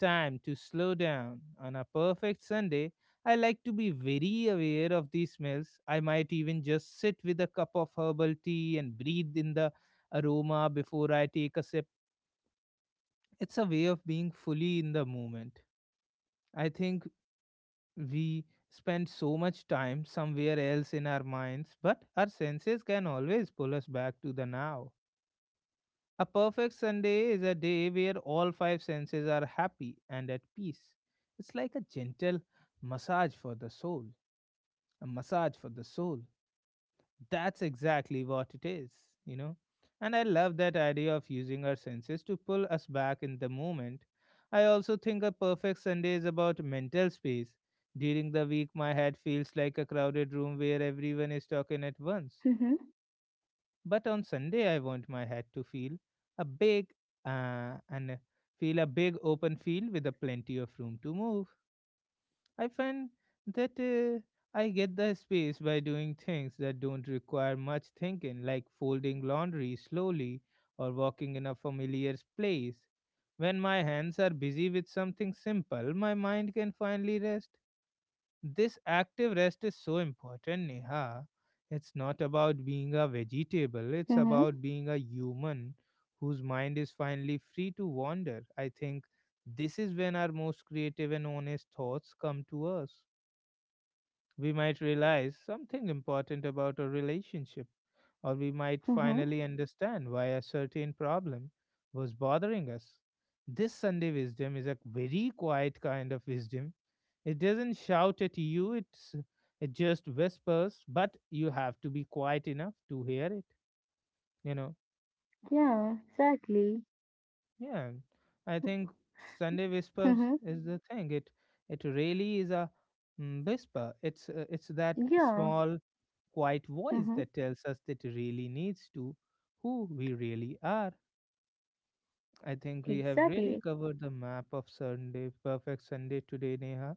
time to slow down. On a perfect Sunday, I like to be very aware of these smells. I might even just sit with a cup of herbal tea and breathe in the aroma before I take a sip. It's a way of being fully in the moment. I think we spend so much time somewhere else in our minds, but our senses can always pull us back to the now. A perfect Sunday is a day where all five senses are happy and at peace. It's like a gentle massage for the soul. A massage for the soul. That's exactly what it is, you know. And I love that idea of using our senses to pull us back in the moment. I also think a perfect Sunday is about mental space. During the week, my head feels like a crowded room where everyone is talking at once. mm-hmm, But on Sunday, I want my head to feel a big uh, and feel a big open field with a plenty of room to move. I find that uh, I get the space by doing things that don't require much thinking, like folding laundry slowly or walking in a familiar place. When my hands are busy with something simple, my mind can finally rest. This active rest is so important, Neha. It's not about being a vegetable, it's mm-hmm, about being a human whose mind is finally free to wander. I think this is when our most creative and honest thoughts come to us. We might realize something important about a relationship, or we might mm-hmm. finally understand why a certain problem was bothering us. This Sunday wisdom is a very quiet kind of wisdom. It doesn't shout at you, it's, it just whispers, but you have to be quiet enough to hear it, you know. Yeah, exactly. Yeah, I think Sunday whispers Mm-hmm. is the thing. It it really is a, mm, whisper. It's, uh, it's that Yeah. small quiet voice Mm-hmm. that tells us that really needs to, who we really are. I think we have really Exactly. covered the map of Sunday, perfect Sunday today, Neha.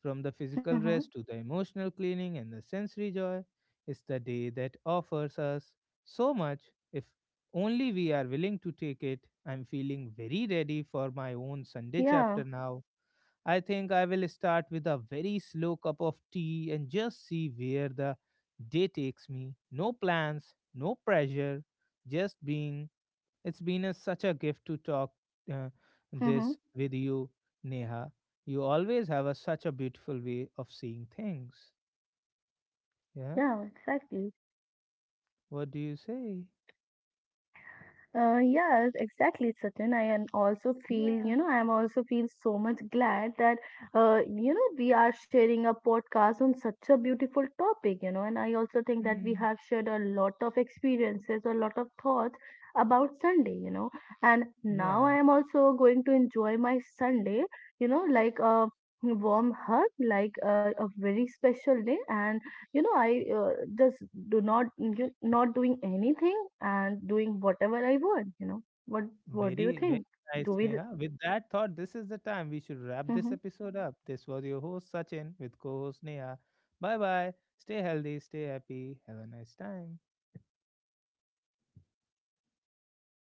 From the physical Mm-hmm. rest to the emotional cleaning and the sensory joy, it's the day that offers us so much, if only we are willing to take it. I'm feeling very ready for my own Sunday Yeah. chapter now. I think I will start with a very slow cup of tea and just see where the day takes me. No plans, no pressure, just being. It's been a, such a gift to talk, uh, Mm-hmm. this with you, Neha. You always have a, such a beautiful way of seeing things. Yeah. Yeah, exactly. What do you say? Uh, yes, exactly, Sachin. I and also feel, you Yeah. know, I am also feel so much glad that, uh, you know, we are sharing a podcast on such a beautiful topic, you know, and I also think that we Mhm. have shared a lot of experiences, a lot of thoughts about Sunday, you know, and now I Yeah. am also going to enjoy my Sunday, you know, like a warm hug, like a, a very special day, and you know i uh, just do not ju- not doing anything and doing whatever I want. you know what what do you Very, very think? nice, Do we? Neha. With that thought, this is the time we should wrap this Mm-hmm. episode up. This was your host, Sachin, with co host Neha. Bye bye. Stay healthy, stay happy. Have a nice time.